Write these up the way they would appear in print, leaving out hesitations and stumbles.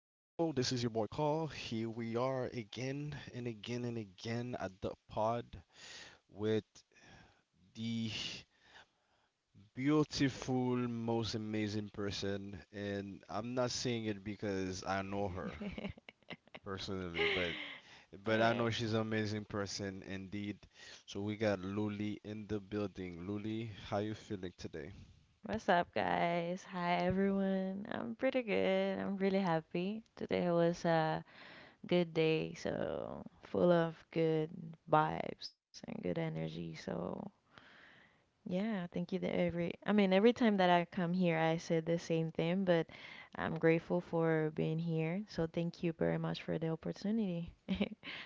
this is your boy Call. Here we are again and again and again at the pod with the beautiful, most amazing person. And I'm not saying it because I know her personally, but I Eh, know she's an amazing person indeed. So we got Luli in the building. Luli, how you feeling today? What's up, guys? Hi, everyone. I'm pretty good. I'm really happy. Today was a good day, so full of good vibes and good energy. So, yeah, thank you to every time that I come here, I said the same thing, but I'm grateful for being here. So, thank you very much for the opportunity.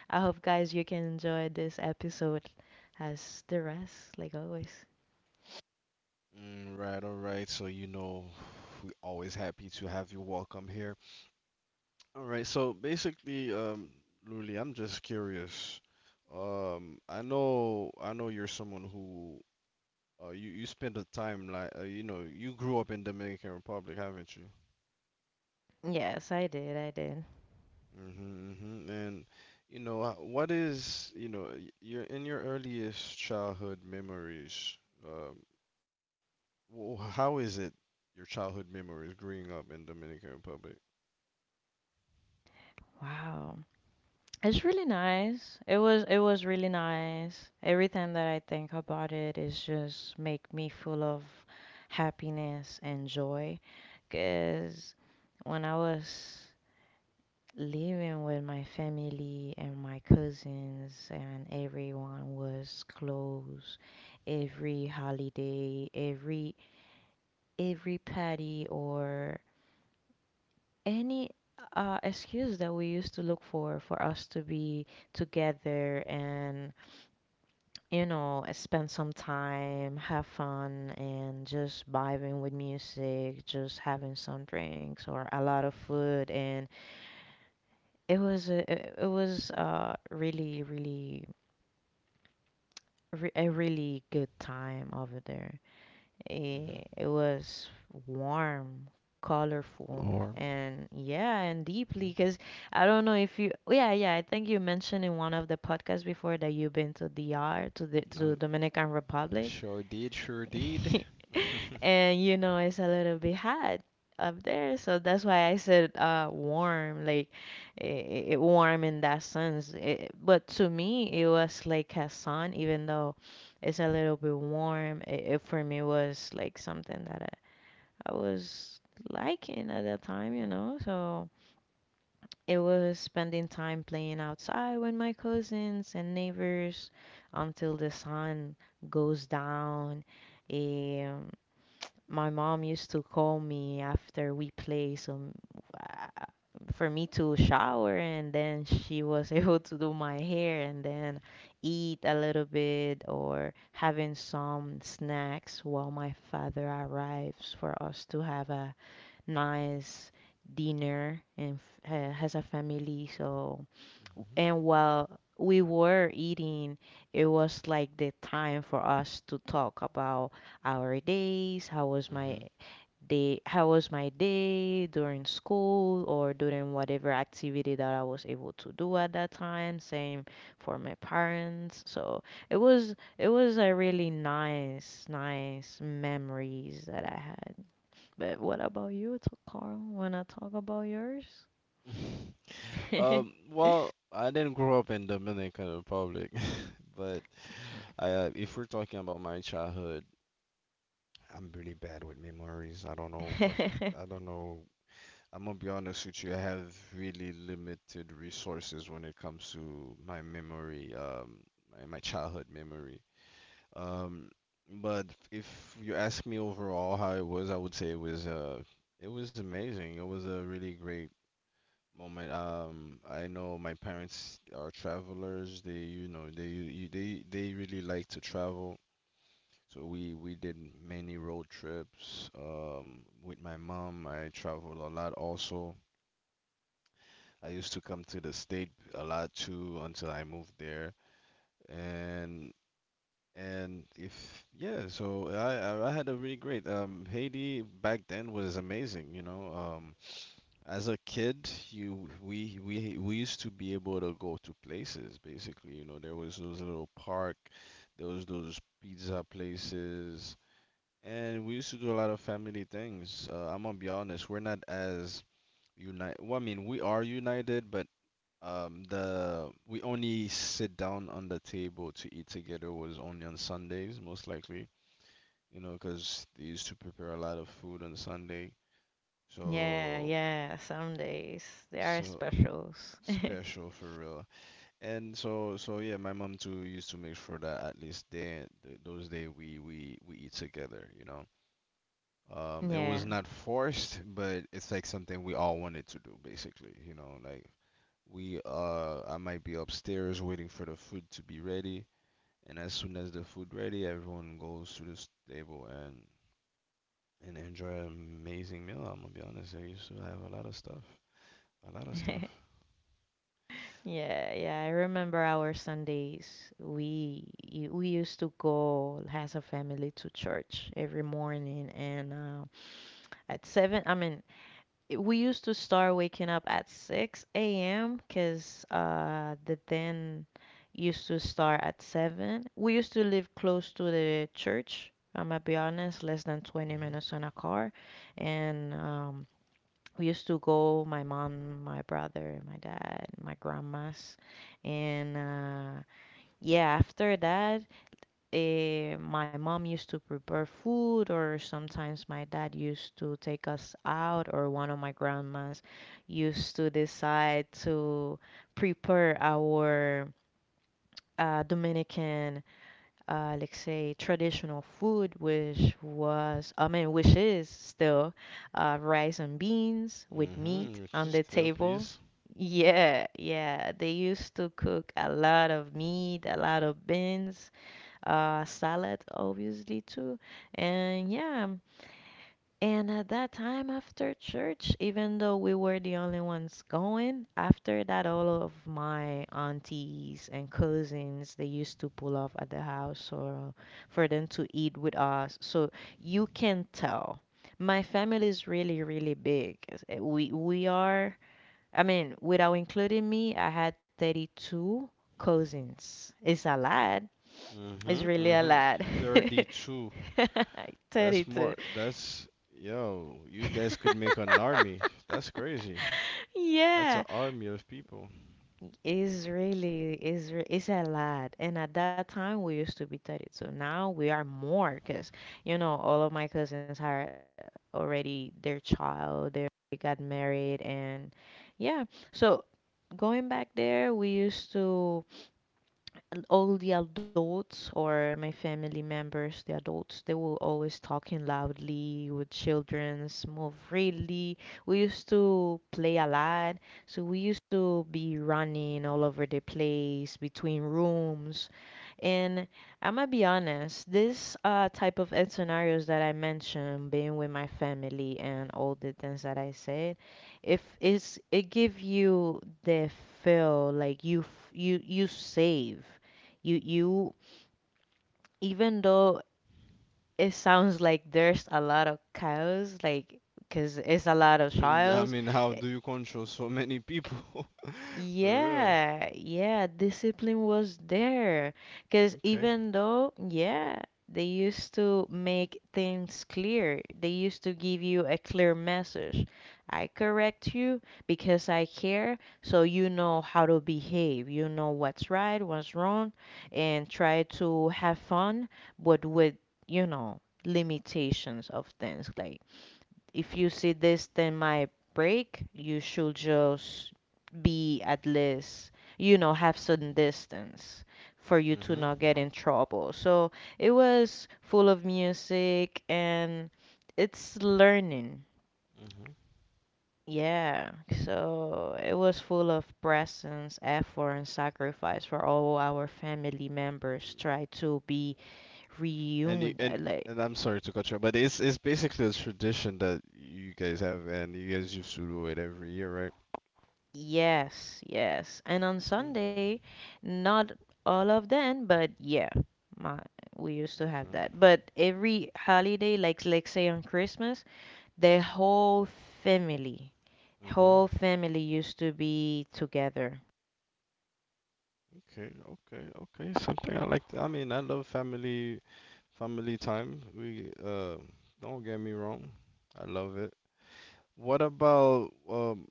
I hope, guys, you can enjoy this episode as the rest, like always. Right, all right. So you know, we always happy to have you welcome here. All right, so basically, Luli, I'm just curious. I know you're someone who, you spend a time like, you know, you grew up in Dominican Republic, haven't you? Yes, I did. I did. And you know, what is, you know, your in your earliest childhood memories, um, how is it your childhood memories growing up in Dominican Republic? Wow. It's really nice. It was really nice. Every time that I think about it, it's just make me full of happiness and joy. Cause when I was living with my family and my cousins and everyone was close every holiday, every party or any excuse that we used to look for us to be together and you know spend some time have fun and just vibing with music just having some drinks or a lot of hmm food. And it was a, it it was uh really a really good time over there. it, hmm it was warm, colorful, Or and yeah, and deeply because I don't know if you yeah, yeah, I think you mentioned in one of the podcasts before that you've been to dr to the hmm Dominican Republic. Sure did, sure did. And you know it's a little bit hot up there, so that's why I said warm. Like it warm in that sense but to me it was like a sun. Even though it's a little bit warm, it for me was like something that I was liking at that time, you know. So it was spending time playing outside with my cousins and neighbors until the sun goes down. Um, my mom used to call me after we play, so uh, for me to shower, and then she was able to do my hair and then eat a little bit or having some snacks while my father arrives for us to have a nice dinner and has a family. So, and while we were eating, it was like the time for us to talk about our days. How was my day? How was my day during school or during whatever activity that I was able to do at that time? Same for my parents. So it was a really nice, nice memories that I had. But what about you, Carl? Wanna talk about yours? Mhm. Well, I didn't grow up in Dominican Republic, but if we're talking about my childhood, I'm really bad with memories. I don't know. I'm gonna be honest with you, I have really limited resources when it comes to my memory, my childhood memory. Um, but if you ask me overall how it was, I would say it was amazing. It was a really great moment. I know my parents are travelers. They you know, they they really like to travel, so we did many road trips. With my mom, I traveled a lot also. I used to come to the state a lot too until I moved there. and and if yeah so I had a really great Haiti back then was amazing, you know. As a kid, you we used to be able to go to places basically. You know, there was those little park, there was those pizza places, and we used to do a lot of family things. I'm gonna be honest, we're not as united. Well, I mean, we are united, but the we only sit down on the table to eat together was only on Sundays, most likely. You know, because they used to prepare a lot of food on Sunday. Yeah, So yeah. Some days they are so specials. Special for real. And so yeah, my mom too used to make sure that at least those day we eat together, you know. It Yeah. was not forced, but it's like something we all wanted to do basically, you know, like we I might be upstairs waiting for the food to be ready, and as soon as the food ready, everyone goes to table and enjoy an amazing meal. I'm gonna be honest, I used to have a lot of stuff, a lot of stuff. Yeah, yeah, I remember our Sundays. We used to go as a family to church every morning, and at seven, I mean it- we used to start waking up at 6 a.m. because the den used to start at 7. We used to live close to the church. I'm gonna be honest, less than 20 hmm minutes in a car. And we used to go, my mom, my brother, my dad, my grandmas. And yeah, after that, my mom used to prepare food, or sometimes my dad used to take us out, or one of my grandmas used to decide to prepare our Dominican, let's say, traditional food, which which is still rice and beans with meat Which on is the still, table. please. Yeah, yeah. They used to cook a lot of meat, a lot of beans, salad, obviously, too. And yeah, and at that time after church, even though we were the only ones going, after that, all of my aunties and cousins, they used to pull up at the house or for them to eat with us. So you can tell. My family is really, really big. We are, I mean, without including me, I had 32 cousins. It's a lot. It's Mhm, really a mhm. lot. 32. That's more 32. that's Yo, you guys could make an army. That's crazy. That's an Yeah, army of people. it's really it's re- it's a lot. And at that time, we used to be 32. Now we are more, cause you know all of my cousins are already their child. They already got married, and yeah. So going back there, we used to and all the adults or my family members, the adults, they were always talking loudly with children's, move freely. We used to play a lot, so we used to be running all over the place between rooms. And I'm gonna be honest, this type of end scenarios that I mentioned, being with my family and all the things that I said, if it's it give you the feel like you you save, you even though it sounds like there's a lot of chaos, like because it's a lot of I trials. mean, how do you control so many people? For real. Yeah, yeah, discipline was there. Because Okay. even though, yeah, they used to make things clear, they used to give you a clear message. I correct you because I care, so you know how to behave. You know what's right, what's wrong, and try to have fun, but with, you know, limitations of things. Like, if you see this 10-mile break, you should just be at least, you know, have certain distance for you to Mhm. not get in trouble. So it was full of music and it's learning. Mhm. Yeah, so it was full of presence, effort, and sacrifice for all our family members. Try to be And you, reunited, like and I'm sorry to cut you off, but it's basically a tradition that you guys have and you guys used to do it every year, right? yes, yes. And on Mm, Sunday, not all of them, but yeah, my we used to have okay. that. But every holiday, like let's say on Christmas, the family, Mhm. whole family used to be together. Okay, okay, okay. Something I like to, I mean, I love family. Family time. We Don't get me wrong. I love it. What about?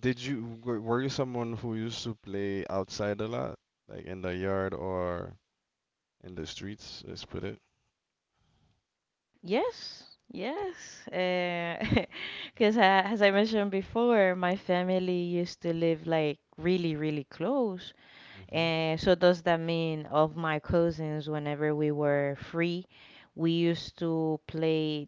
Did you were you someone who used to play outside a lot, like in the yard or in the streets? Let's put it. Yes, yes. Because as I mentioned before, my family used to live like really, really close. Mhm. And so does that mean of my cousins, whenever we were free, we used to play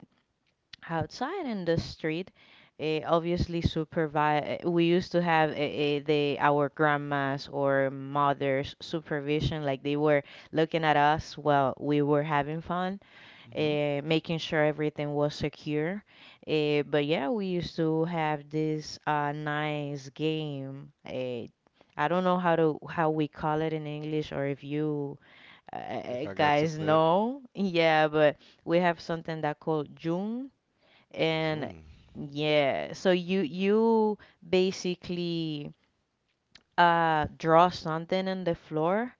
outside in the street. Obviously, supervise. We used to have the our grandmas or mothers supervision, like they were looking at us while we were having fun, Mhm. Making sure everything was secure. But yeah, we used to have this nice game. I don't know how we call it in English, or if you If I got to guys play it, know. Yeah, but we have something that called June, and June. yeah, so you basically draw something on the floor,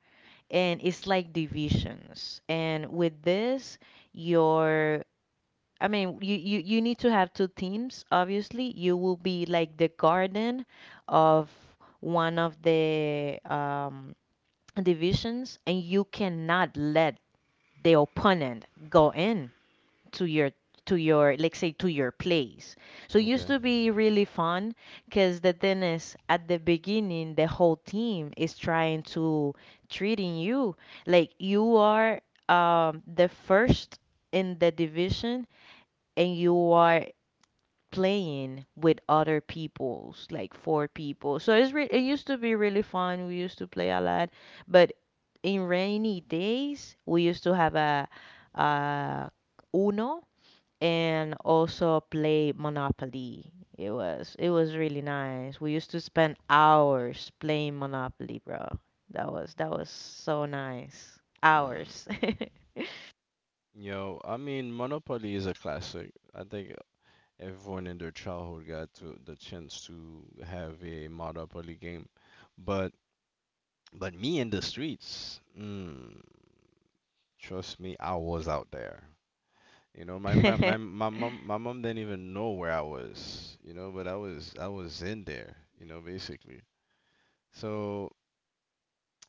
and it's like divisions. And with this, your I mean, you need to have two teams, obviously. You will be like the guardian of one of the divisions, and you cannot let the opponent go in to your to your place. So it used Okay. to be really fun because the thing is at the beginning the whole team is trying to treating you like you are the first in the division and you are playing with other peoples, like four people. It used to be really fun. We used to play a lot, but in rainy days, we used to have a Uno and also play Monopoly. It was really nice. We used to spend hours playing Monopoly, bro. That was so nice. Mm. Hours. Yo, I mean, Monopoly is a classic. I think everyone in their childhood got to the chance to have a Monopoly game, but but me in the streets. Mm. Trust me, I was out there. You know, my my my my mom my mom didn't even know where I was. You know, but I was in there. You know, basically. So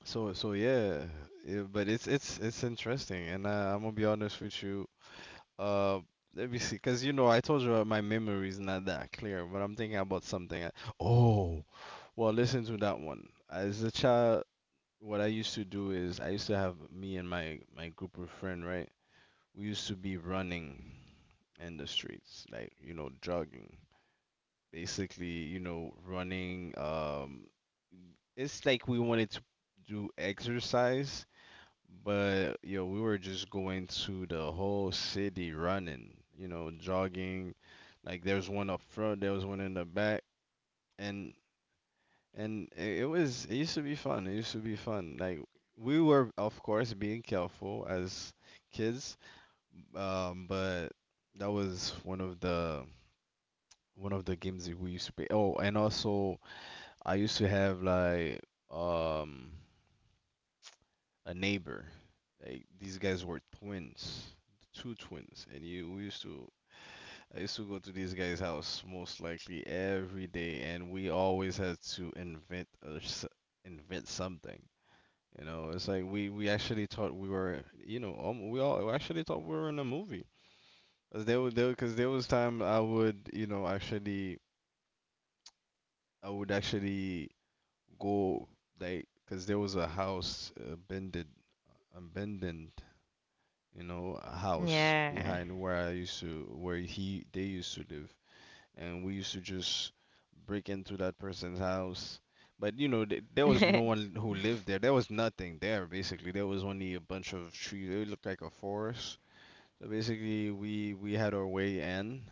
yeah, yeah but it's it's interesting, and I'm gonna be honest with you. Uh, Let me see, because you know I told you my memory is not that clear, but I'm thinking about something. Oh, well, listen to that one. As a child, what I used to do is I used to have me and my group of friends, right? We used to be running in the streets, like, you know, jogging. Basically, you know, running. It's like we wanted to do exercise, but yo, we were just going to the whole city running, you know, jogging. Like there's one up front, there was one in the back, and it was it used to be fun. It used to be fun. Like we were, of course, being careful as kids. But that was one of the games that we used to play. Oh, and also I used to have like um a neighbor. Like these guys were twins, two twins, and you we used to I used to go to this guy's house most likely every day, and we always had to invent something. You know, it's like we actually thought we were, you know, we all actually thought we were in a movie. There was there because there was time I would, you know, actually I would actually go, like, because there was a house bended abandoned, you know, a house Yeah. behind where I used to where he they used to live. And we used to just break into that person's house. But you know there was no one who lived there. There was nothing there. Basically, there was only a bunch of trees. It looked like a forest. So basically, we had our way in,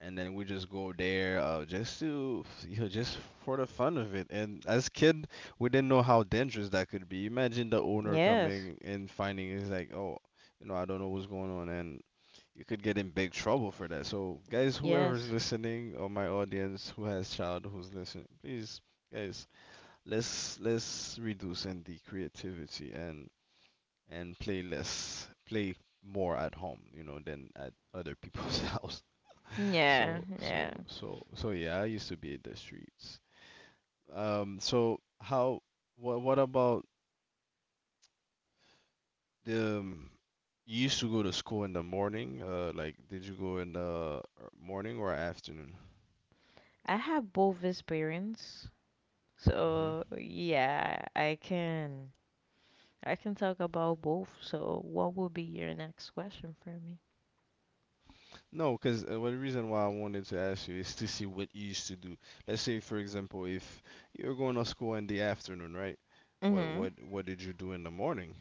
and then we just go there, just to, you know, just for the fun of it. And as kid, we didn't know how dangerous that could be. Imagine the owner Yes. coming and finding it's like, oh, you know, I don't know what's going on. And you could get in big trouble for that. So guys, whoever's Yes. listening or my audience who has child who's listening, please guys, let's reduce in the creativity and play less, play more at home, you know, than at other people's house. Yeah, So, yeah. Yeah, I used to be in the streets. So what about the, you used to go to school in the morning? Like, did you go in the morning or afternoon? I have both experience. Mm-hmm. So yeah, I can talk about both. So what would be your next question for me? No, because well, the reason why I wanted to ask you is to see what you used to do. Let's say, for example, if you're going to school in the afternoon, right? What Mm-hmm. what what did you do in the morning?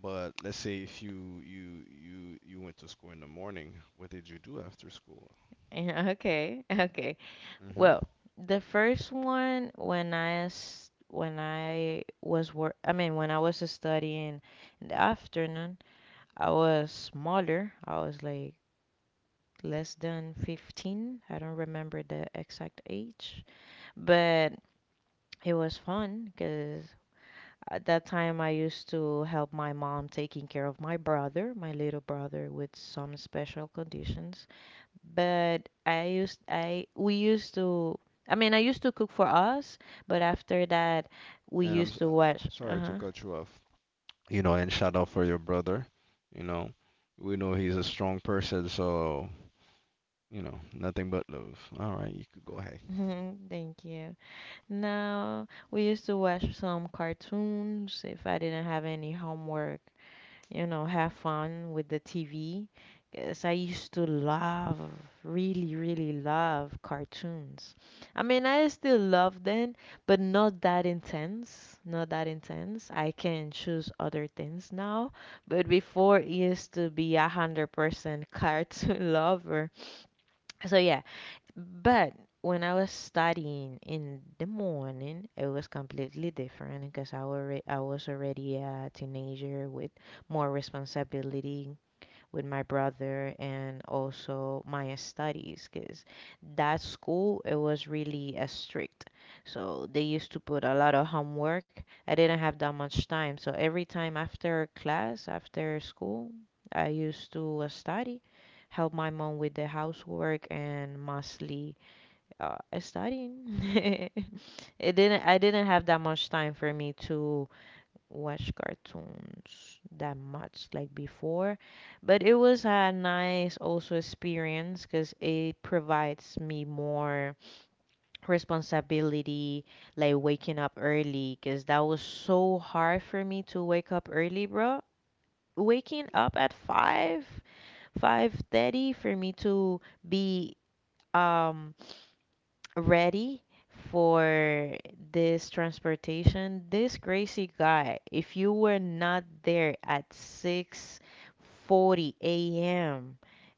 But let's say if you you went to school in the morning, what did you do after school? Yeah, okay. Okay. hmm Well, the first one when I s- when I was work I mean when I was studying in the afternoon, I was smaller. I was like less than 15. I don't remember the exact age, but it was fun because at that time I used to help my mom taking care of my brother, my little brother with some special conditions. But I used I we used to I mean I used to cook for us, but after that we And used to watch sorry to uh-huh. cut you off. You know, and shout out for your brother. You know, we know he's a strong person, so you know, nothing but love. All right, you could go ahead. Thank you. Now we used to watch some cartoons if I didn't have any homework, you know, have fun with the TV. Because I used to love, really, really love cartoons. I mean, I still love them, but not that intense. Not that intense. I can choose other things now. But before, it used to be 100% cartoon lover. So yeah, but when I was studying in the morning, it was completely different because I was already a teenager with more responsibility with my brother and also my studies because that school, it was really strict. So they used to put a lot of homework. I didn't have that much time. So every time after class, after school, I used to study, help my mom with the housework and mostly studying. It didn't. I didn't have that much time for me to watch cartoons that much like before, but it was a nice also experience because it provides me more responsibility, like waking up early, because that was so hard for me to wake up early, bro. Waking up at five, 5:30 for me to be um ready for this transportation. This crazy guy, if you were not there at 6:40 a.m.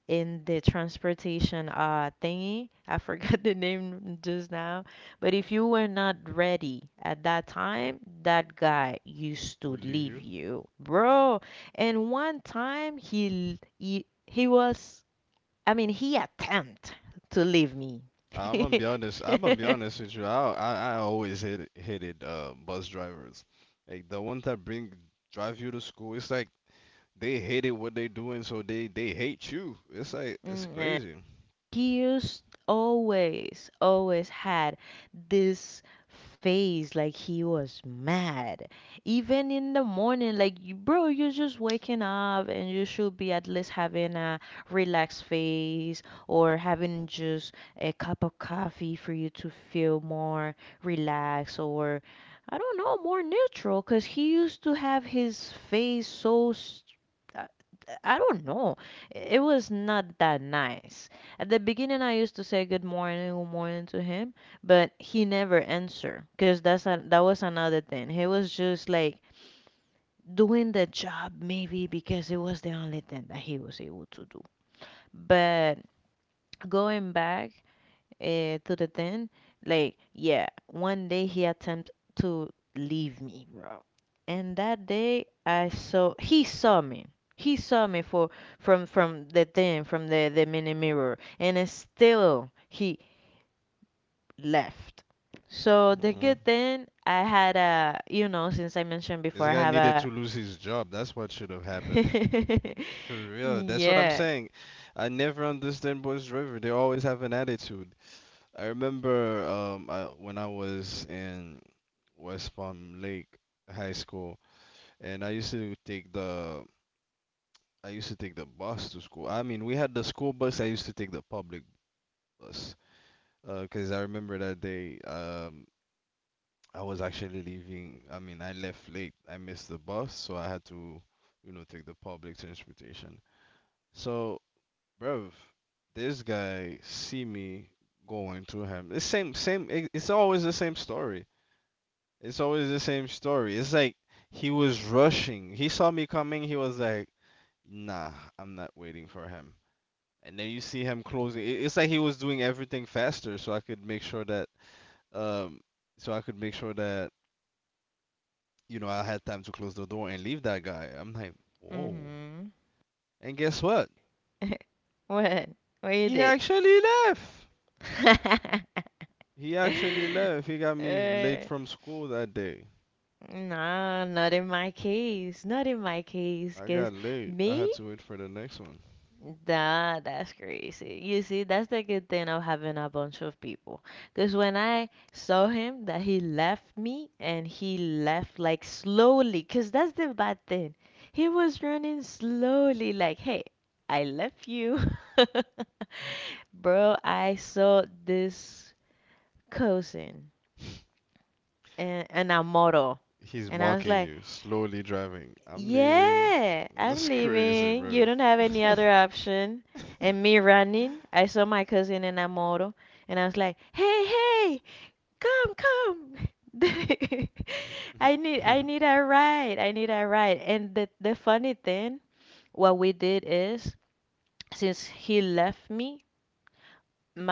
in the transportation thingy, I forgot the name just now, but if you were not ready at that time, that guy used to Would leave leave you. you, bro. And one time he was he attempt to leave me. I'm gonna be honest. I'm gonna be honest with you. I always hated bus drivers, like the ones that bring drive you to school. It's like they hated what they doing, so they hate you. It's like it's Mm, yeah. crazy. Gears always, always had this face like he was mad. Even in the morning, like, bro, you're just waking up and you should be at least having a relaxed face or having just a cup of coffee for you to feel more relaxed or, I don't know, more neutral. Because he used to have his face so. I I don't know. It was not that nice. At the beginning, I used to say good morning to him, but he never answered because that was another thing. He was just like doing the job maybe because it was the only thing that he was able to do. But going back uh, to the thing, like yeah, one day he attempted to leave me, bro. And that day I saw he saw me. He saw me for from the thing from the mini mirror, and still he left. So the Mm-mm. good thing I had a, since I mentioned This before, I guy have needed a, to lose his job. That's what should have happened. For real. That's what I'm yeah, saying. I never understand boys driver. They always have an attitude. I remember when I was in West Palm Lake High School, and I used to take the I used to take the bus to school. I mean, we had the school bus. I used to take the public bus because I remember that day, I was actually leaving. I mean, I left late. I missed the bus, so I had to, you know, take the public transportation. So, bruv, this guy see me going to him. The same, same. It's always the same story. It's always the same story. It's like he was rushing. He saw me coming. He was like, "Nah, I'm not waiting for him." And then you see him closing. It's like he was doing everything faster, so I could make sure that, um, so I could make sure that you know I had time to close the door and leave that guy. I'm like, whoa! mm-hmm. And guess what? What? What you He did? actually left. He actually left. He got me late Uh, from school that day. no, not in my case. Not in my case I cause got late. I had me, to wait for the next one. nah, that's crazy. You see, that's the good thing of having a bunch of people. Because when I saw him, that he left me and he left like slowly, because that's the bad thing. He was running slowly, like, hey, I left you. Bro, I saw this cousin and a model. He's And I was mocking like, you, slowly driving. I'm leaving. yeah, I'm That's crazy, leaving. You bro. don't have any other option. And me running, I saw my cousin in a moto, and I was like, "Hey, hey, come, come! I need a ride. I need a ride." And the funny thing, what we did is, since he left me,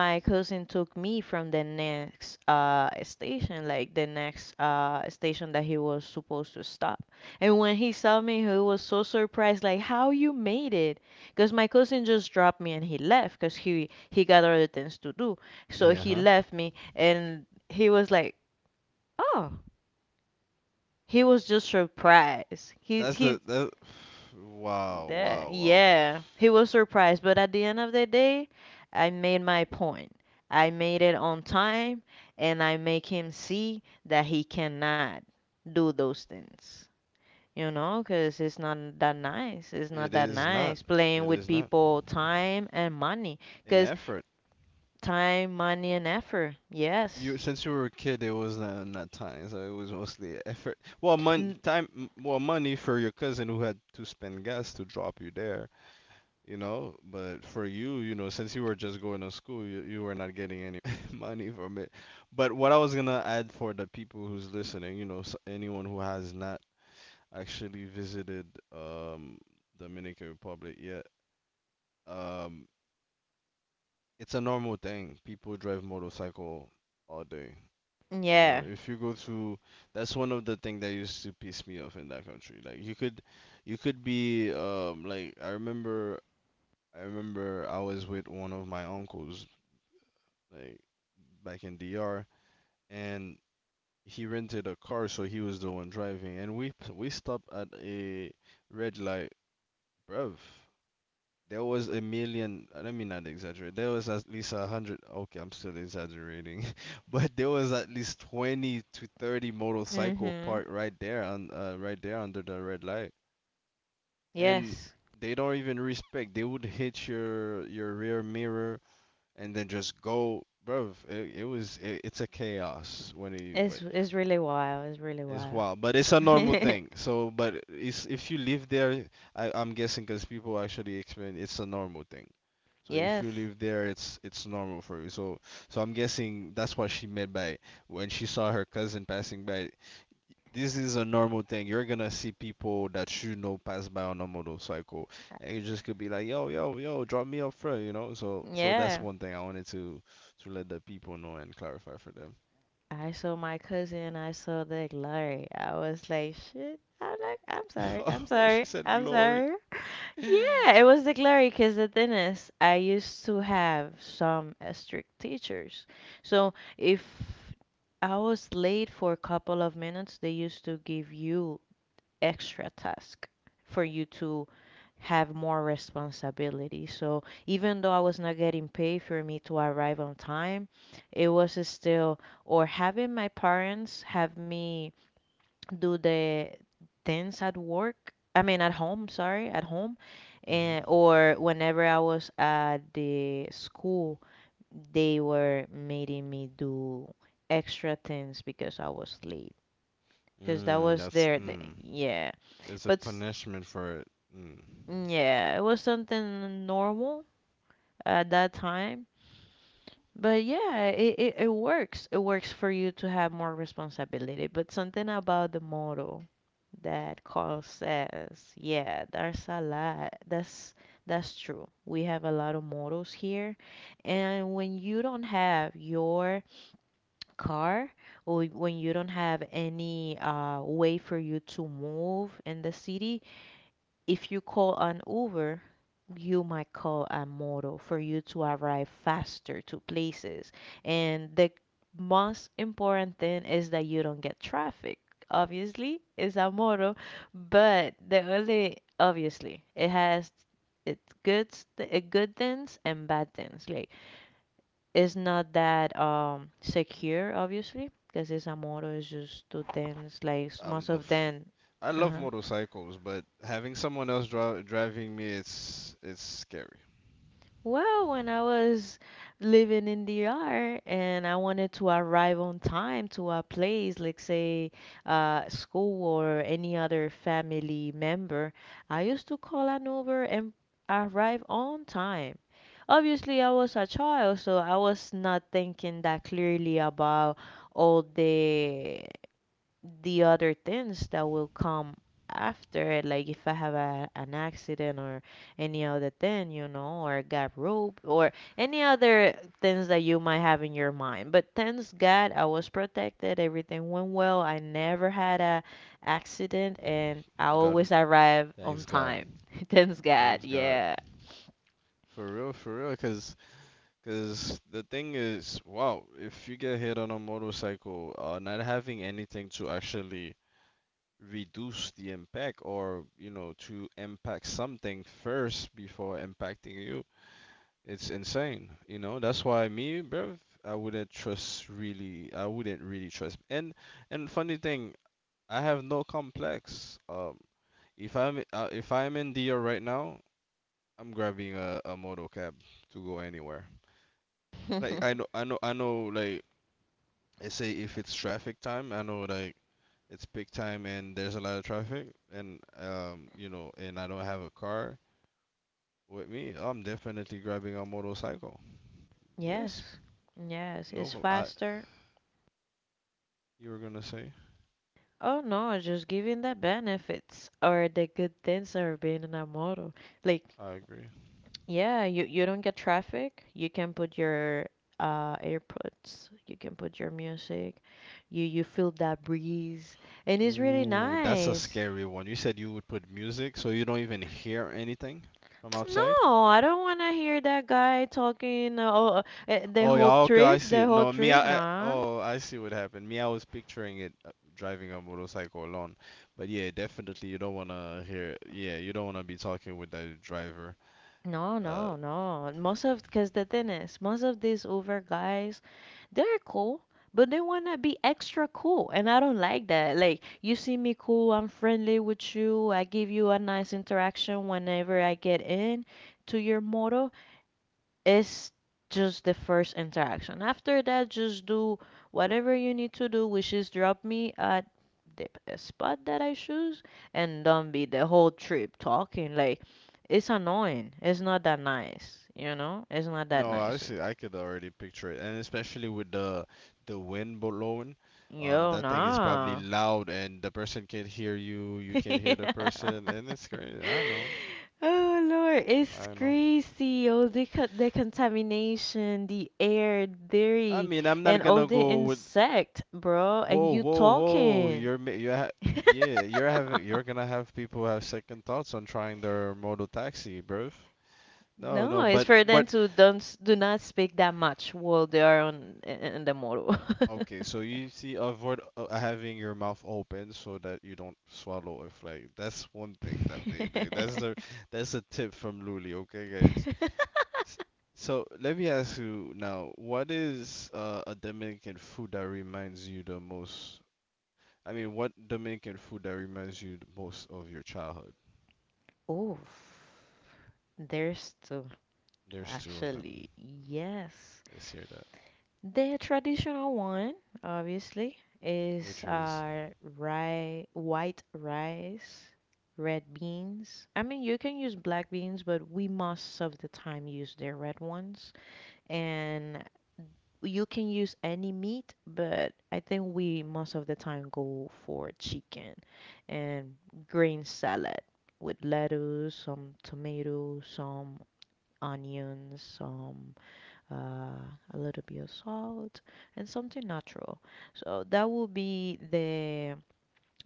my cousin took me from the next station, like the next station that he was supposed to stop. And when he saw me, he was so surprised, like how you made it? Because my cousin just dropped me and he left, because he got other things to do. So Yeah, he huh? left me, and he was like, oh. He was just surprised. That's the He that. Wow, That, wow, wow. yeah, he was surprised, but at the end of the day, I made my point. I made it on time, and I make him see that he cannot do those things. You know, 'cause it's not that nice. It's not It that is not. nice playing It with is not people time and money. an 'Cause effort. time, money, and effort. You Yes. since you were a kid, it was not, not time, so it was mostly effort. Well, mon N time, m- well, money for your cousin who had to spend gas to drop you there, you know. But for you, you know, since you were just going to school, you were not getting any money from it. But what I was gonna add for the people who's listening, you know, s anyone who has not actually visited um Dominican Republic yet. Um, it's a normal thing. People drive motorcycle all day. You know, yeah. if you go to, that's one of the thing that used to piss me off in that country. Like you could be like I remember I was with one of my uncles like back in DR, and he rented a car so he was the one driving and we stopped at a red light, bruv. There was a million. Let me not exaggerate. There was at least 100. Okay, I'm still exaggerating, but there was at least 20 to 30 motorcycle Mm-hmm. parked right there on right there under the red light, and Yes. they don't even respect. They would hit your rear mirror and then just go, bro. It's a chaos when you It's but it's really wild. It's really it's wild. wild, but it's a normal thing. So, but it's if you live there, I'm guessing because people actually explain it's a normal thing. So if you Yes. live there, it's normal for you. So so I'm guessing that's what she meant by when she saw her cousin passing by. This is a normal thing. You're gonna see people that you know pass by on a motorcycle, Uh, and you just could be like, yo yo yo, drop me up front, you know. So so that's yeah. one thing I wanted to let the people know and clarify for them. I saw my cousin, I saw the glory. I was like, shit. I'm like, I'm sorry, I'm Oh, she sorry, said I'm glory. sorry. Yeah, it was the glory because the thing is, I used to have some strict teachers. So if I was late for a couple of minutes, they used to give you extra task for you to have more responsibility. So even though I was not getting paid for me to arrive on time, it was still, or having my parents have me do the things at work, I mean at home, sorry, at home, Mm-hmm. and or whenever I was at the school, they were making me do extra things because I was late. Because that Mm, was that's their, thing. mm. Yeah. There's a But s- punishment for it. Mm. yeah, it was something normal at that time. But yeah, it works. It works for you to have more responsibility. But something about the motto that Carl says, yeah, there's a lot. That's true. We have a lot of mottos here. And when you don't have your car or when you don't have any way for you to move in the city, if you call an Uber, you might call a moto for you to arrive faster to places. And the most important thing is that you don't get traffic. Obviously, it's a moto, but the only obviously it has its good it good things and bad things. Like it's not that secure, obviously, because it's a moto. It's just two things. Like most I'm a of f- them, I uh love huh. motorcycles, but having someone else dri- driving me, it's scary. Well, when I was living in DR and I wanted to arrive on time to a place, like say school or any other family member, I used to call an Uber and arrive on time. Obviously, I was a child, so I was not thinking that clearly about all the other things that will come after it, like if I have an accident or any other thing, you know, or got rope or any other things that you might have in your mind, but thanks god I was protected. Everything went well. I never had a accident, and I always God, arrive on thanks God, time. Thanks god, thanks God. yeah. For real, cause, 'cause the thing is, wow, if you get hit on a motorcycle, not having anything to actually reduce the impact or, you know, to impact something first before impacting you, it's insane, you know. That's why me, bruv, I wouldn't trust really. I wouldn't really trust. And funny thing, I have no complex. If I'm if I'm in DR right now, I'm grabbing a moto cab to go anywhere. Like I know like I say if it's traffic time, I know like it's peak time and there's a lot of traffic and you know and I don't have a car with me, I'm definitely grabbing a motorcycle. Yes. Yes. Yes, it's No, I faster. you were gonna say. Oh no, just giving the benefits or the good things are being in a model like I agree. yeah, you don't get traffic. You can put your AirPods, you can put your music. You feel that breeze, and it's really Ooh, that's a nice. scary one. You said you would put music, so you don't even hear anything from outside? No, I don't want to hear that guy talking oh, the Oh yeah, whole okay, I trip, see the it. whole No, me, trip. I Nah. oh, I see what happened. Me, I was picturing it driving a motorcycle alone. But yeah, definitely you don't wanna hear, yeah, you don't wanna be talking with the driver. No, Uh, no, no. Most of, because the thing is, most of these Uber guys they're cool, but they want to be extra cool. And I don't like that. Like, you see me cool, I'm friendly with you, I give you a nice interaction whenever I get in to your model. It's just the first interaction. After that, just do whatever you need to do, which is drop me at the p- spot that I choose and don't be the whole trip talking. Like, it's annoying. It's not that nice, you know? It's not that no, I nice. see, I could already picture it, and especially with the wind blowing, Yo, that thing is probably nah. loud, and the person can't hear you, you can't hear the person, and it's crazy. I know. Oh Lord, I it's don't know. crazy. Oh, the contamination, the air, I dairy, mean, I'm not and all gonna the go with. insect, bro. And Whoa, you whoa, whoa! talking? You're ma- you ha- yeah, you're having you're gonna have people have second thoughts on trying their modal taxi, bruv. No, No, no, it's for them but to don't s- do not speak that much while they are on in the motor. okay. So you see, avoid having your mouth open so that you don't swallow a like, that's one thing that they that's the that's a tip from Luli. Okay, guys. S- So let me ask you now, what is a Dominican food that reminds you the most I mean, what Dominican food that reminds you the most of your childhood? Oof, there's two There's two of them. actually. Yes, Let's hear that. the traditional one, obviously, is Which is, rye, white rice, red beans. I mean, you can use black beans, but we most of the time use the red ones. And you can use any meat, but I think we most of the time go for chicken and green salad with lettuce, some tomatoes, some onions, some a little bit of salt and something natural. So that will be the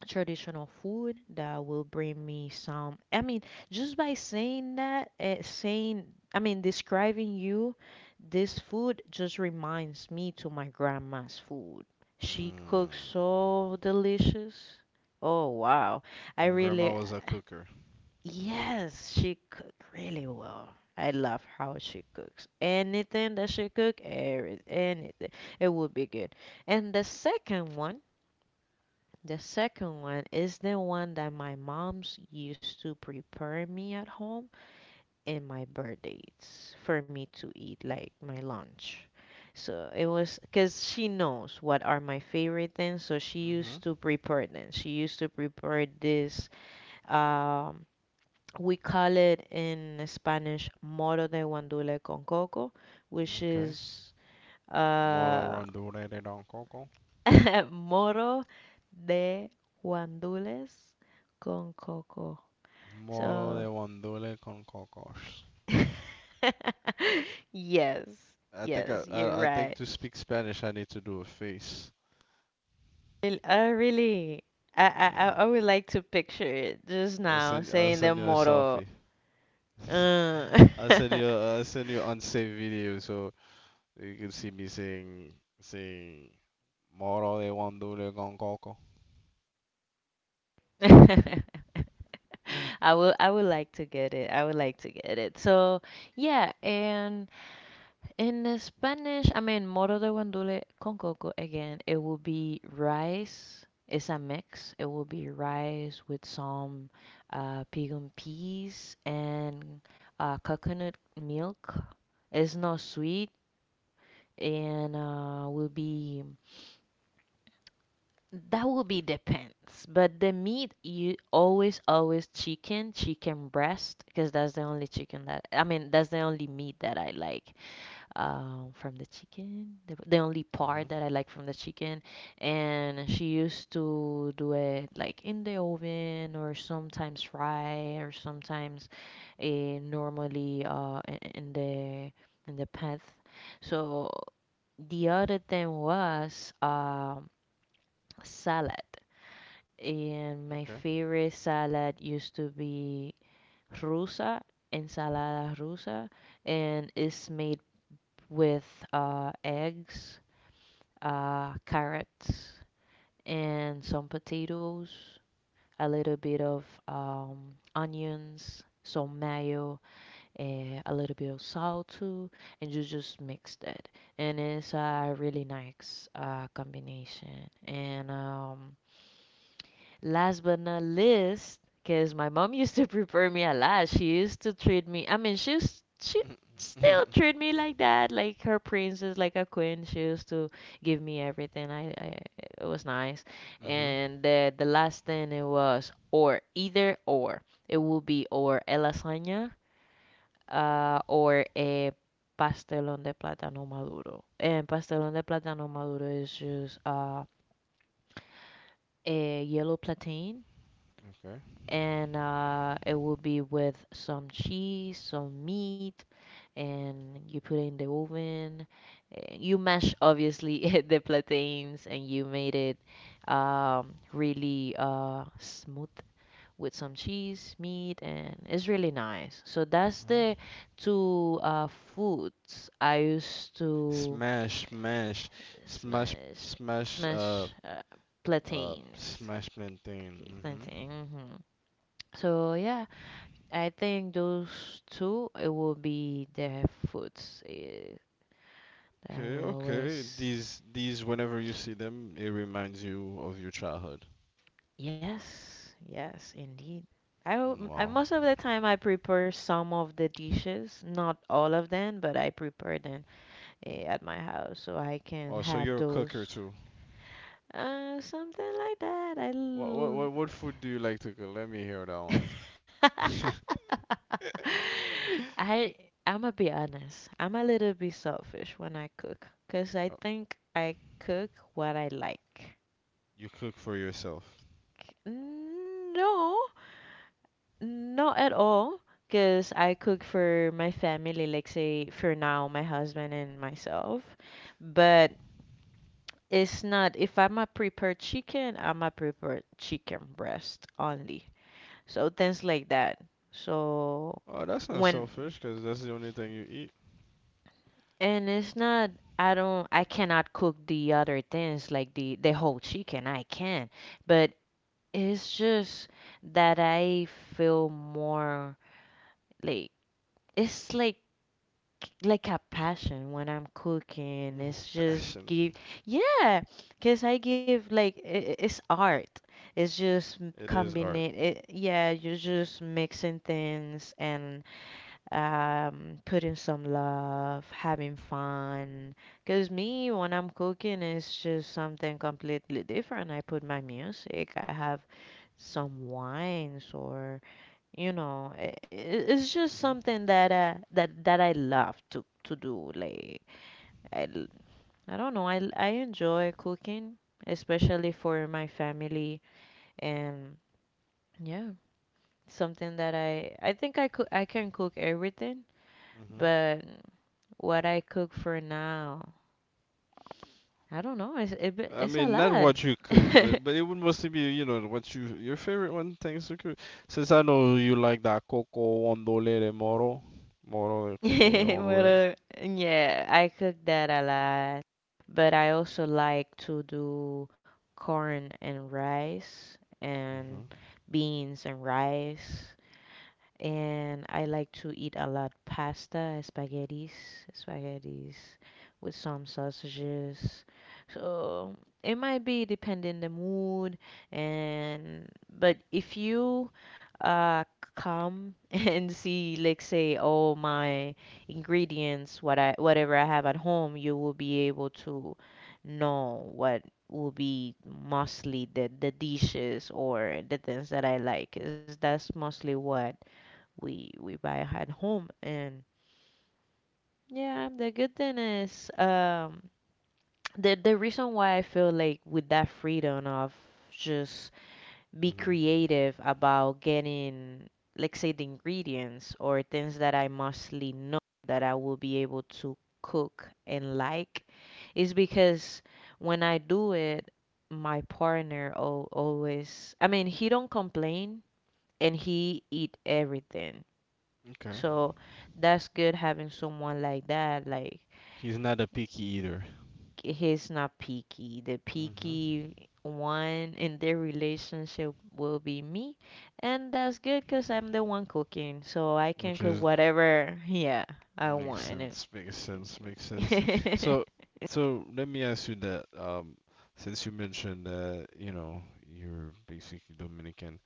traditional food that will bring me some. I mean, just by saying that, I mean, describing you this food just reminds me to my grandma's food. She cooks so delicious. Oh wow. I and grandma really was a cooker. Yes, she cook really well. I love how she cooks. Anything that she cook, every anything, it would be good. And the second one is the one that my mom's used to prepare me at home in my birthdays for me to eat, like my lunch. So it was because she knows what are my favorite things, so she used Hmm. to prepare them. She used to prepare this um we call it in Spanish moro de guandule con coco, which Okay. is Moro uh, rondule de don coco. moro de guandules con coco. Moro de So, rondule con cocos. yes, I think I, yes, you're I I think right. to speak Spanish I need to do a face. Well, I really, Yeah. I would like to picture it just now I'll saying the send you a moro. selfie. Uh. I'll send you unsaved video so you can see me saying saying Moro de rondule con coco. I would like to get it. I would like to get it. So yeah, and in Spanish, I mean moro de guandule con coco again, it will be rice. It's a mix. It will be rice with some pigeon peas and coconut milk. It's not sweet and will be That will be depends, but the meat you always always chicken, chicken breast, because that's the only chicken that I mean that's the only meat that I like from the chicken, the only part Hmm. that I like from the chicken. And she used to do it like in the oven or sometimes fry or sometimes uh, normally in the pan. So the other thing was salad. And my Okay. favorite salad used to be rusa, ensalada rusa, and it's made with eggs, carrots, and some potatoes, a little bit of onions, some mayo, and a little bit of salt too, and you just mix that. And it's a really nice combination. And last but not least, because my mom used to prepare me a lot. She used to treat me. I mean, she used, she still treat me like that, like her princess, like a queen. She used to give me everything. I, it was nice. Mm-hmm. And the last thing it was or either or. It would be or a lasagna, or a pastelón de plátano maduro. And pastelón de plátano maduro is just a yellow plantain Okay. and it will be with some cheese, some meat, and you put it in the oven. You mash obviously the plantains, and you made it really smooth with some cheese, meat, and it's really nice. So that's Uh, the two foods I used to smash, smash, sma smash, smash, smash plantains. smash plantain. Okay, Mm-hmm. plantain. Mhm. So yeah, I think those two, it will be the foods that I Okay, will okay. always. These, whenever you see them, it reminds you of your childhood. Yes, yes, indeed. Mm, I wow. most of the time I prepare some of the dishes, not all of them, but I prepare them at my house so I Oh, can so you're a have cooker those. too. Something like that. What, what, what, what food do you like to cook? Let me hear that one. I I'ma be honest. I'm a little bit selfish when I cook, 'cause I Oh, think I cook what I like. you cook for yourself. No, not at all, 'cause I cook for my family, like say for now, my husband and myself. But it's not, if I'm a prepare chicken, I'm a prepare chicken breast only. So things like that. So Oh, that's not when selfish, because that's the only thing you eat. And it's not, I don't, I cannot cook the other things like the whole chicken. I can, but it's just that I feel more like it's like a passion when I'm cooking. Oh, It's just passion. give yeah, 'cause I give like I it's art. It's just It is combining art. it, yeah, you're just mixing things and putting some love, having fun. Because me, when I'm cooking, it's just something completely different. I put my music, I have some wines, or you know, it's just Mm-hmm. something that that I love to do. Like I, l- I don't know, I enjoy cooking, especially for my family, and yeah, something that I think I could I can cook everything. Hmm. But what I cook for now? I don't know. It's I it's a mean, not lot. what you cook, but it would mostly be, you know, what you your favorite one things to cook. Since I know you like that coco ondole de moro, moro de coco de What ondole. a- yeah, I cook that a lot. But I also like to do corn and rice and Hmm. beans and rice, and I like to eat a lot pasta, spaghettis, spaghettis with some sausages. So it might be depending the mood, and but if you uh come and see like say all my ingredients, what I whatever I have at home, you will be able to know what will be mostly the dishes or the things that I like. Is that's mostly what we buy at home. And yeah, the good thing is the reason why I feel like with that freedom of just be Hmm. creative about getting like say the ingredients or things that I mostly know that I will be able to cook and like is because when I do it my partner al always, I mean, he don't complain and he eat everything. Okay. So that's good having someone like that. Like He's not a picky eater. he's not picky. The Hmm. picky one in their relationship will be me, and that's good because I'm the one cooking, so I can Which cook is whatever yeah I makes want. sense, makes sense, makes sense. So, so let me ask you that. Since you mentioned that, you know, you're basically Dominican,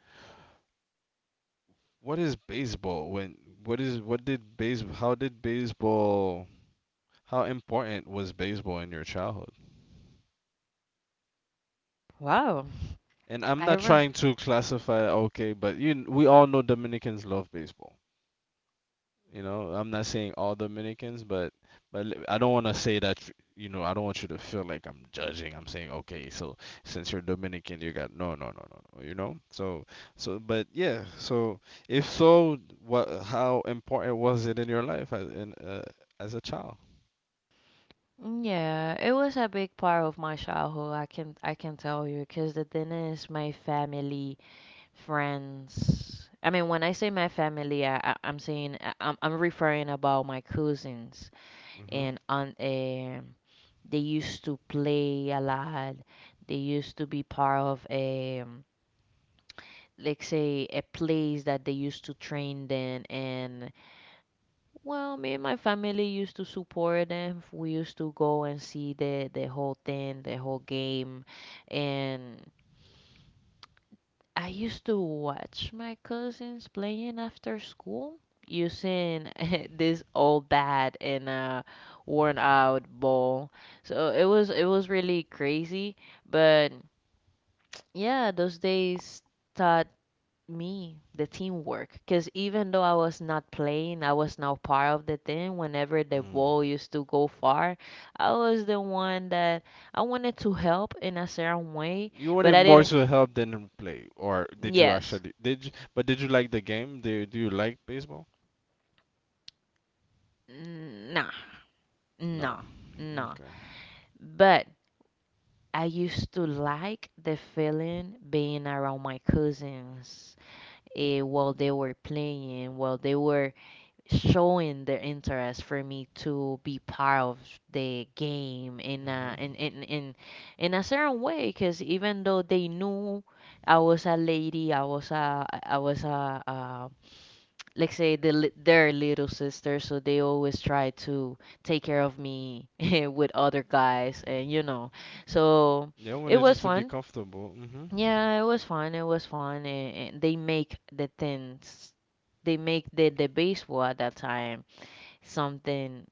what is baseball? When what is what did base how did baseball how important was baseball in your childhood? Wow. And I'm not I rem trying to classify, okay, but you we all know Dominicans love baseball. You know, I'm not saying all Dominicans, but l- I don't want to say that, f- you know, I don't want you to feel like I'm judging. I'm saying, okay, so since you're Dominican, you got no, no, no, no, no, you know? So so but yeah, so if so, what how important was it in your life as in as a child? Yeah, it was a big part of my childhood. I can tell you because the thing is, my family. Friends. I mean, when I say my family, I'm saying I'm referring about my cousins Hmm. and on a they used to play a lot. They used to be part of a, let's say, a place that they used to train then. And well, me and my family used to support them, we used to go and see the whole thing, the whole game. And I used to watch my cousins playing after school using this old bat and a worn out ball. So it was, it was really crazy, but yeah, those days taught me the teamwork, because even though I was not playing, I was now part of the team. Whenever the ball used to go far, I was the one that I wanted to help in a certain way, You wanted but I more didn't. to help than play, or did you Yes. actually did you, but did you like the game? Do you like baseball? N- Nah, No. no, no. Okay. But I used to like the feeling being around my cousins while they were playing, while they were showing their interest for me to be part of the game in a, Mhm. in, in a certain way. Because even though they knew I was a lady, I was a, like say their little sister, so they always try to take care of me with other guys, and you know, so Yeah, I it wanted was just to be fun. comfortable. Mhm. Yeah, it was fun, it was fun. And they make the things, they make the baseball at that time something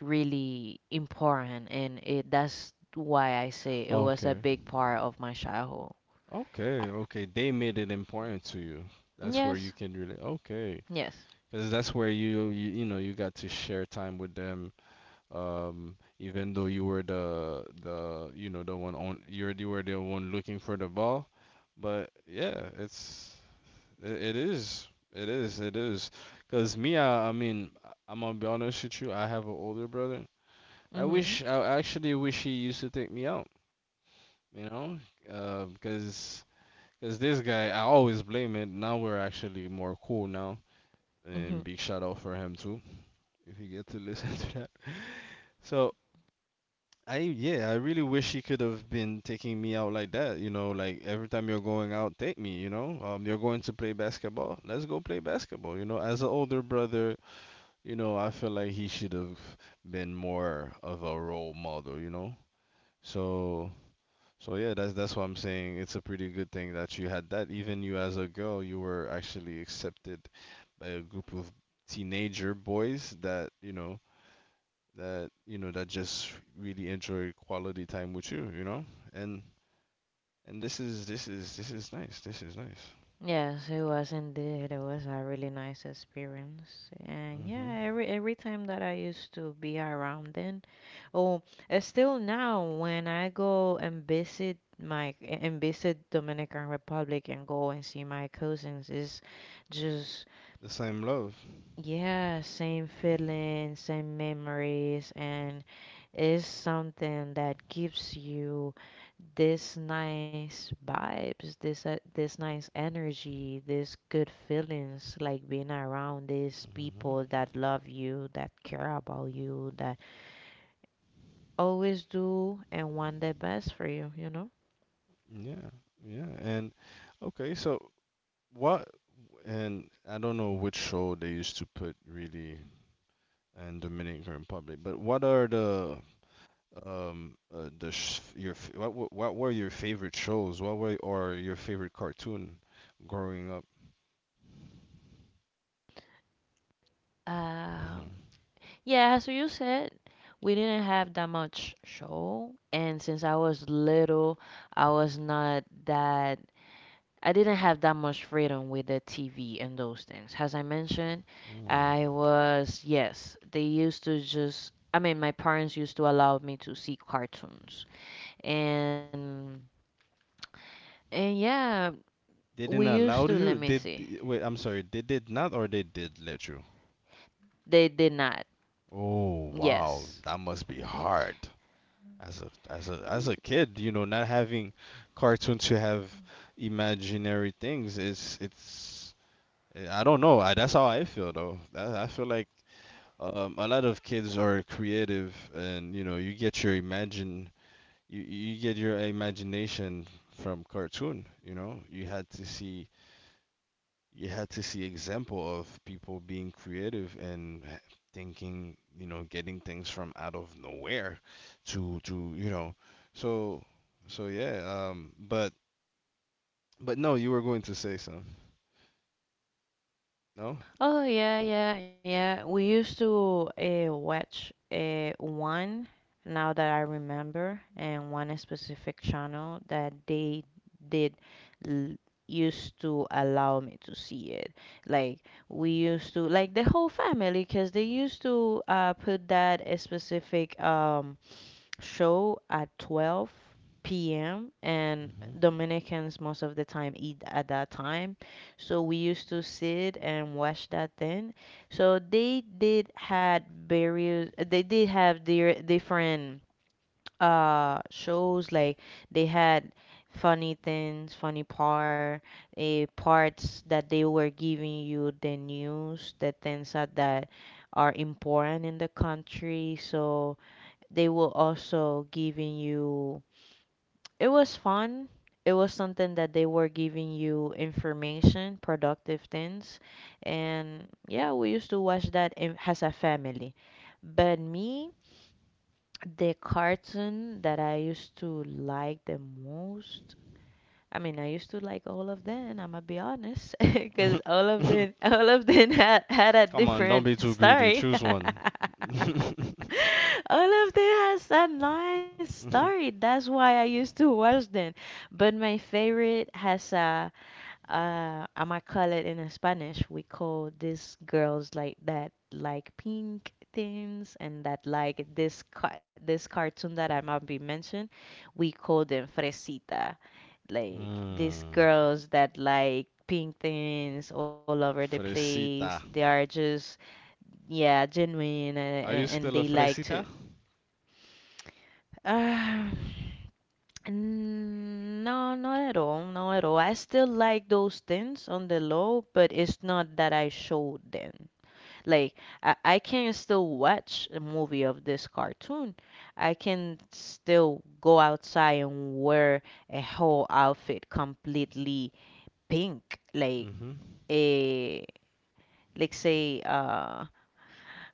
really important, and it, that's why I say it was a Okay. big part of my childhood. Okay, okay. They made it important to you. That's where Yes, you can really okay, yes. because that's where you know you got to share time with them. Even though you were the you know the one on you're you were the one looking for the ball, but yeah, it's it, it is it is it is. Cause me, I mean, I'm gonna be honest with you. I have an older brother. I Mhm. wish I actually wish he used to take me out. You know, because Because this guy, I always blame it. Now we're actually more cool now. And Mhm. big shout out for him too, if you get to listen to that. So I yeah, I really wish he could have been taking me out like that. You know, like every time you're going out, take me. You know, you're going to play basketball. Let's go play basketball. You know, as an older brother, you know, I feel like he should have been more of a role model. You know, so so yeah, that's what I'm saying. It's a pretty good thing that you had that. Even you as a girl, you were actually accepted by a group of teenager boys that you know that you know that just really enjoy quality time with you you know and and this is this is nice this is nice. Yes, it was indeed. It was a really nice experience. And Hmm. yeah, every time that I used to be around then, oh, still now when I go and visit my and visit Dominican Republic and go and see my cousins, is just The same love. yeah, same feelings, same memories, and it's something that gives you this nice vibes, this this nice energy, this good feelings, like being around these people that love you, that care about you, that always do and want the best for you, you know? Yeah, yeah, and okay so what and I don't know which show they used to put really in Dominican Republic but what are the sh- your f- what, wa- what were your favorite shows what were or your favorite cartoon growing up. Hmm. Um, Yeah, as you said, we didn't have that much show, and since I was little, I was not that. I didn't have that much freedom with the TV and those things. As I mentioned, I was, yes, they used to just, I mean, my parents used to allow me to see cartoons. And and yeah, They we didn't used allow to, let you? me They see. d- wait, I'm sorry. They did not or they did let you? They did not. Oh, wow. Yes. That must be hard. As a kid, you know, not having cartoons to have imaginary things is it's I don't know. I, that's how I feel though. That, I feel like a lot of kids are creative and you know, you get your imagine you get your imagination from cartoon, you know. You had to see example of people being creative and h- thinking, you know, getting things from out of nowhere to, you know. So so yeah, but no, you were going to say so. No? Oh yeah, yeah, yeah. We used to watch one, now that I remember, and one specific channel that they did l- used to allow me to see it. Like we used to, like the whole family, because they used to put that specific show at 12 p.m. And Dominicans most of the time eat at that time. So we used to sit and watch that then. So they did had various, they did have their different shows. Like they had funny things, funny part, parts that they were giving you the news, the things that, that are important in the country. So they will also giving you, it was fun, it was something that they were giving you information, productive things. And yeah, we used to watch that in, as a family. But me, the cartoon that I used to like the most, I mean, I used to like all of them. I'm gonna be honest, Hmm. because all of them, all of them had had a Come on, don't different be too greedy. story. Choose one. All of them has a nice story. That's why I used to watch them. But my favorite has a, I'm gonna call it in Spanish. We call these girls like that, like pink things, and that like this cartoon that I might be mentioned. We call them fresita, like these Mm. girls that like pink things all over the place. They Fresita. are just, yeah, genuine Are you and still they a like to. fresita? Uh, mm, no, not at all. Not at all. I still like those things on the low, but it's not that I showed them. Like, I can still watch a movie of this cartoon. I can still go outside and wear a whole outfit completely pink, like Hmm. a like say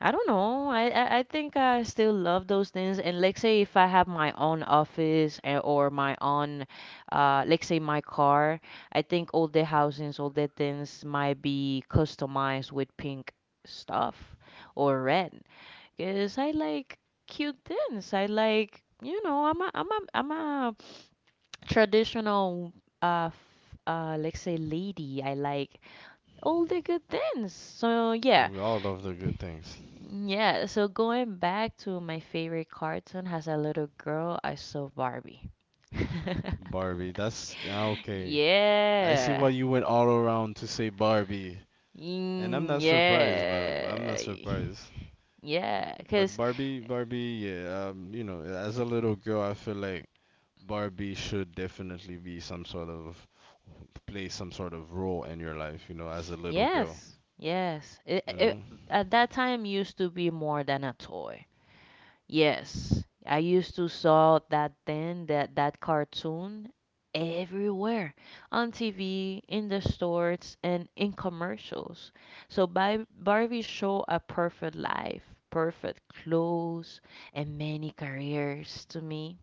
I don't know, I think I still love those things. And like say if I have my own office a- or my own like say my car, I think all the housings, all the things might be customized with pink stuff or red, because I like cute things. I like, you know, I'm a I'm a traditional let's say lady. I like all the good things. So yeah, We all love the good things. yeah. So going back to my favorite cartoon, as a little girl, I saw Barbie. Barbie, that's ah, okay. I see why Yeah, you went all around to say Barbie, and I'm mm, not surprised, but I'm not yeah, surprised. yeah. But Cause Barbie, Barbie, yeah, you know, as a little girl, I feel like Barbie should definitely be some sort of play some sort of role in your life, you know, as a little girl, yes, yes. It, you know. it at that time used to be more than a toy. Yes, I used to saw that then, that that cartoon everywhere on TV, in the stores, and in commercials. So Bar- Barbie show a perfect life, perfect clothes, and many careers to me.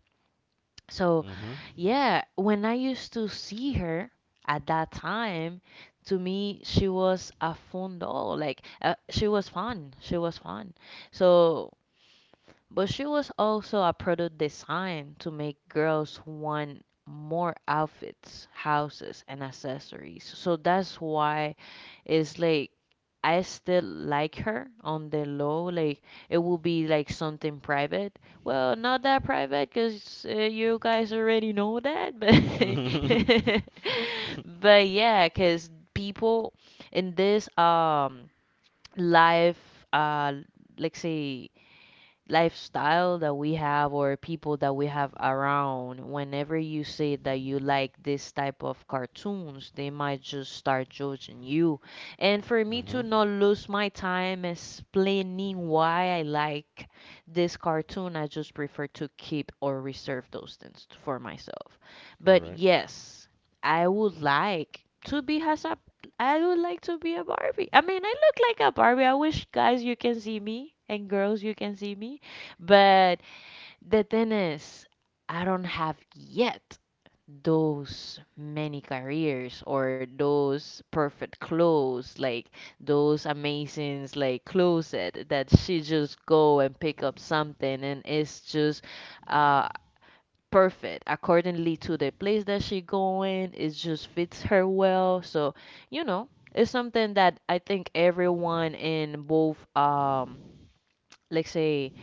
So Mhm. yeah, when I used to see her at that time, to me she was a fun doll. Like she was fun. She was fun. So but she was also a product designed to make girls want more outfits, houses, and accessories. So that's why it's like I still like her on the low. It would be like something private. Well, not that private, cause you guys already know that. But but yeah, cause people in this life let's say lifestyle that we have or people that we have around, whenever you say that you like this type of cartoons, they might just start judging you. And for me Mhm. to not lose my time explaining why I like this cartoon, I just prefer to keep or reserve those things for myself. But Correct. yes, I would like to be has a I would like to be a Barbie. I mean, I look like a Barbie. I wish guys you can see me and girls you can see me. But the thing is, I don't have yet those many careers or those perfect clothes, like those amazing like closet that she just go and pick up something and it's just uh perfect accordingly to the place that she going. It just fits her well. So, it's something that I think everyone in both let's say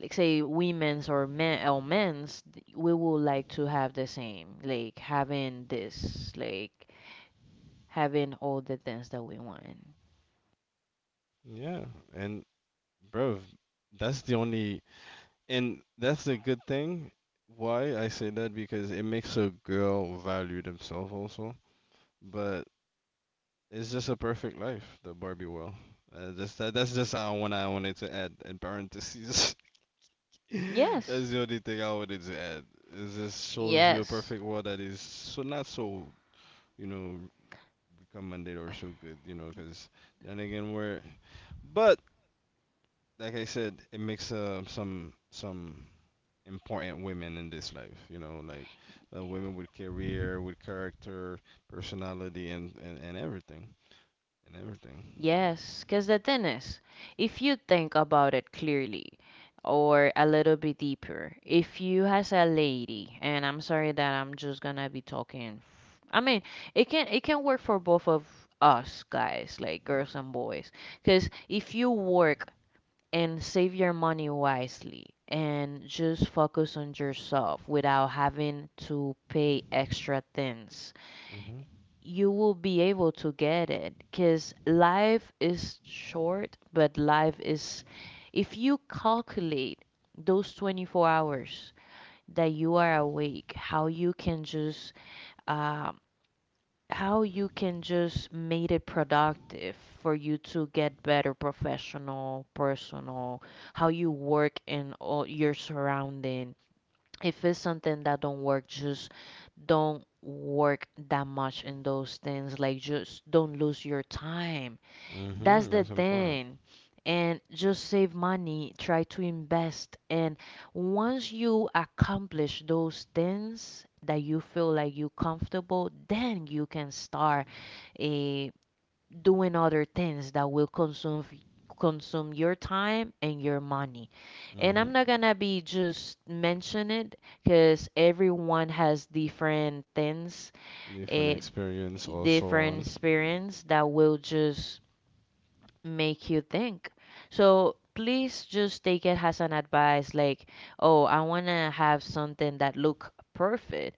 like say women's or men or we would like to have the same like having this like having all the things that we want. Yeah, and bro, that's the only. And that's a good thing. Why I say that because it makes a girl value themselves also. But it's just a perfect life, the Barbie world. That's just how one I wanted to add in parentheses. Yes, That's the only thing I wanted to add. It just shows you a yes, perfect world that is so not so, you know, recommended or so good, you know, because then again we're, but like I said, it makes some important women in this life. You know, like women with career, with character, personality, and everything, and everything. yes, because the thing is, if you think about it clearly or a little bit deeper, if you as a lady, and I'm sorry that I'm just gonna be I mean, it can work for both of us guys, like girls and boys, because if you work and save your money wisely and just focus on yourself without having to pay extra things. Mhm. You will be able to get it because life is short, but life is, if you calculate those 24 hours that you are awake, how you can just um how you can just make it productive for you to get better professional, personal, how you work in all your surrounding. If it's something that don't work, just don't work that much in those things. Like just don't lose your time. That's Mhm. the That's important. thing. And just save money, try to invest. And once you accomplish those things that you feel like you're comfortable, then you can start eh, doing other things that will consume consume your time and your money. And Mhm. I'm not gonna be just mention it because everyone has different things, Different eh, experience also different on. experience that will just make you think. So please just take it as an advice like, oh, I want to have something that look perfect,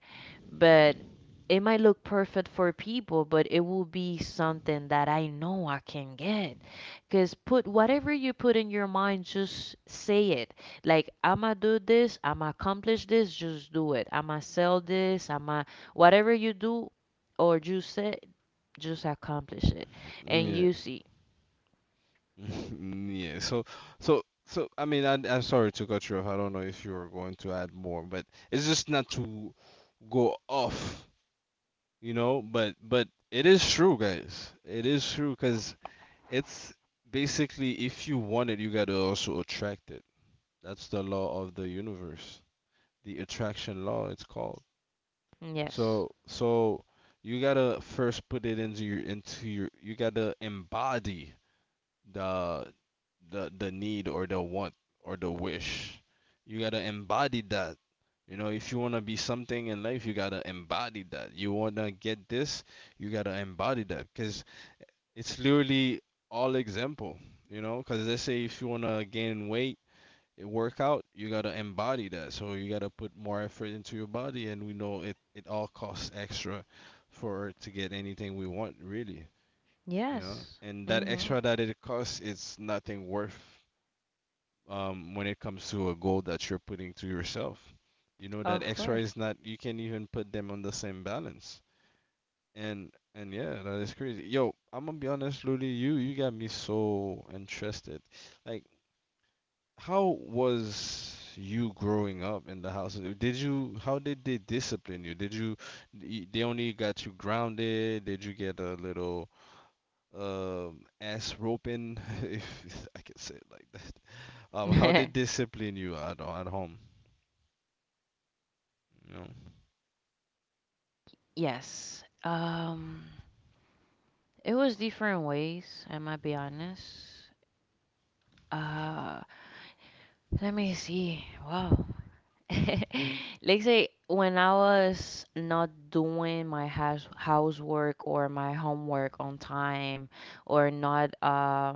but it might look perfect for people, but it will be something that I know I can get. Cause put whatever you put in your mind, just say it. Like I'ma do this, I'ma accomplish this, just do it. I'ma sell this, I'ma whatever you do or you say, just accomplish it. And Yeah. you see, Yeah. So, so I mean I'm sorry to cut you off. I don't know if you were going to add more, but it's just not to go off, you know, but it is true, guys. It is true because it's basically if you want it, you gotta also attract it. That's the law of the universe, the attraction law, it's called. yes. So, so you gotta first put it into your you gotta embody the the need or the want or the wish. You gotta embody that. You know, if you wanna be something in life, you gotta embody that. You wanna get this, you gotta embody that, cause it's literally all example, you know, because let's say if you want to gain weight, it work out, you got to embody that. So you got to put more effort into your body. And we know it, it all costs extra for to get anything we want, really, you know. Yes. And that Mm-hmm. extra that it costs, it's nothing worth when it comes to a goal that you're putting to yourself. You know, that Of extra course. is not, you can't even put them on the same balance. And yeah, that is crazy. Yo, I'm gonna be honest, Ludi, you got me so interested. Like, how was you growing up in the house? Did you how did they discipline you? Did you y- they only got you grounded? Did you get a little ass roping, if I can say it like that? How did they discipline you at home? You know? Yes. It was different ways, I might be honest. Uh, let me see. Wow. Let's say when I was not doing my housework or my homework on time or not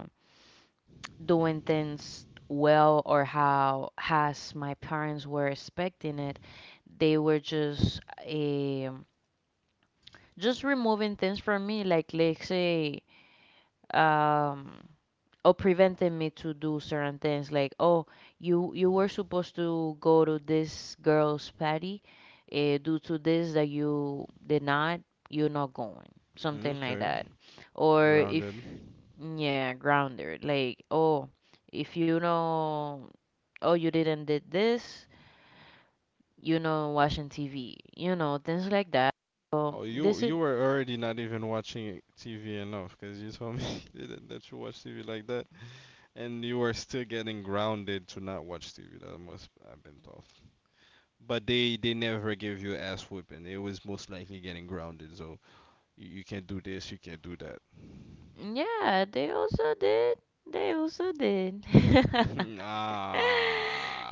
doing things well or how as my parents were expecting it, they were just removing things from me, like let's say um or preventing me to do certain things, like, oh, you were supposed to go to this girl's party, due to this that you did not, you're not going, something like Okay, that. Or if, grounded. yeah, grounded, like, oh, if you know, oh, you didn't did this, you know, watching TV, you know, things like that. So Oh, you this is, you were already not even watching TV enough because you told me that you watch TV like that, and you were still getting grounded to not watch TV. That must have been tough. But they never gave you ass whipping. It was most likely getting grounded. So you can't do this, you can't do that. yeah, they also did. They also did.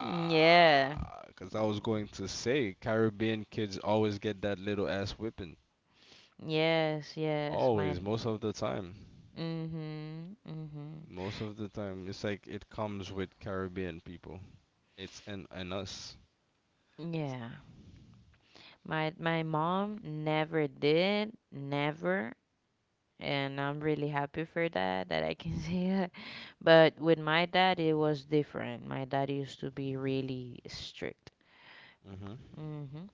Yeah. because I was going to say Caribbean kids always get that little ass whipping. Yes, yes. My Always, most of the time. mm-hmm. Mm-hmm. Most of the time, it's like it comes with Caribbean people. It's an in us. Yeah. My mom never did, never. And I'm really happy for that, that I can say that. But with my dad, it was different. My dad used to be really strict. Mhm. Mm-hmm.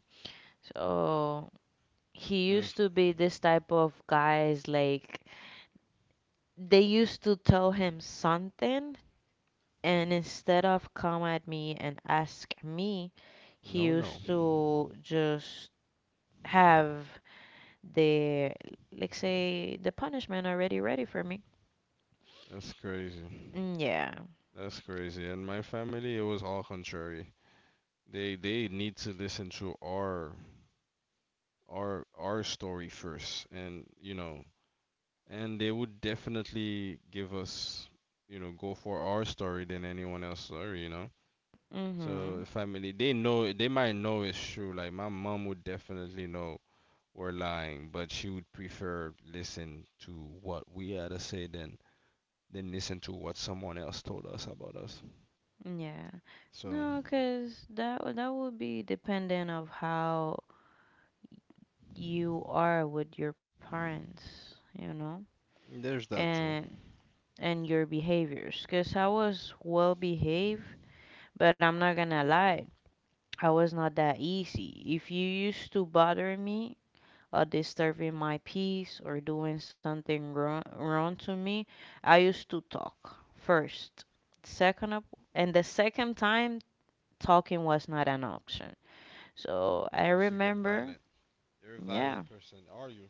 So he Mm, used to be this type of guys like, they used to tell him something, and instead of come at me and ask me, he no, no. used to just have the, like say, the punishment already ready for me. That's crazy. Mm, yeah. That's crazy. And my family, it was all contrary. They need to listen to our our story first, and you know, and they would definitely give us, you know, go for our story than anyone else's story, you know. So Mhm. family, they know, they might know it's true. Like my mom would definitely know were lying, but she would prefer listen to what we had to say than listen to what someone else told us about us. Yeah. So No, 'cause that would be dependent of how you are with your parents, you know, there's that too. and your behaviors. 'Cause I was well behaved. But I'm not gonna lie, I was not that easy. If you used to bothering me or disturbing my peace or doing something wrong, wrong to me, I used to talk first. Second up, and the second time talking was not an option. So I You used to get remember, violent. You're a violent yeah, person, are you?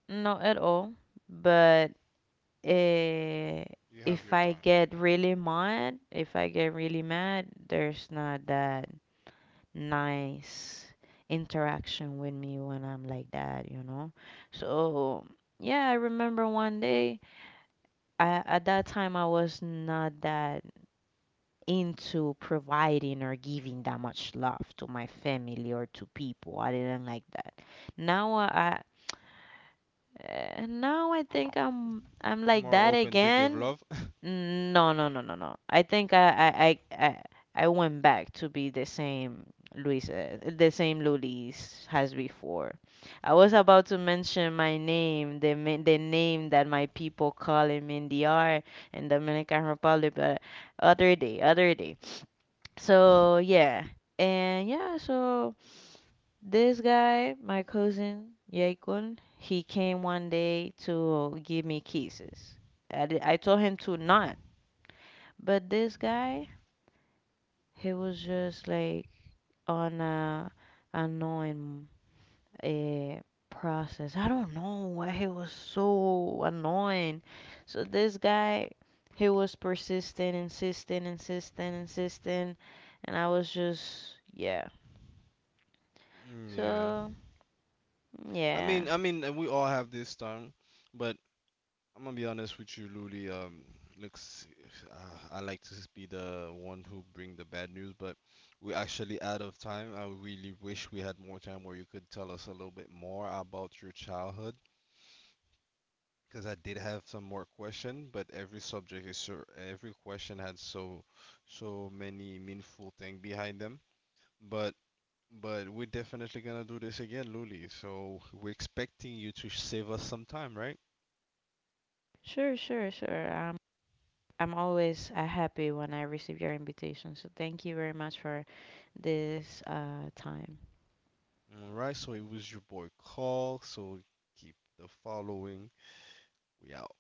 not at all. But eh, You have if your I time. get really mad, if I get really mad, there's not that nice interaction with me when I'm like that, you know? So, yeah, I remember one day, I, at that time, I was not that into providing or giving that much love to my family or to people. I didn't like that. Now I. I- now I think I'm like More that open to give again, love. no, no, no, no, no. I think I went back to be the same Luis, the same Lulis as before. I was about to mention my name, the name that my people call him in DR, in Dominican Republic, but other day, other day. So yeah, and yeah, so this guy, my cousin Yaikun, he came one day to give me kisses. I told him to not. But this guy, he was just like on a annoying uh, process. I don't know why he was so annoying. So this guy, he was persistent, insisting, insisting, insisting, and I was just yeah. Yeah. So yeah, I mean, we all have this time, but I'm gonna be honest with you, Luli. Looks, I like to be the one who bring the bad news, but we're actually out of time. I really wish we had more time where you could tell us a little bit more about your childhood, because I did have some more question, but every subject is so, every question had so, so many meaningful thing behind them. But, but we're definitely gonna do this again, Luli. So we're expecting you to save us some time, right? sure, sure, sure. I'm always happy when I receive your invitation. So thank you very much for this time. All right, so it was your boy Carl. So keep the following. We out.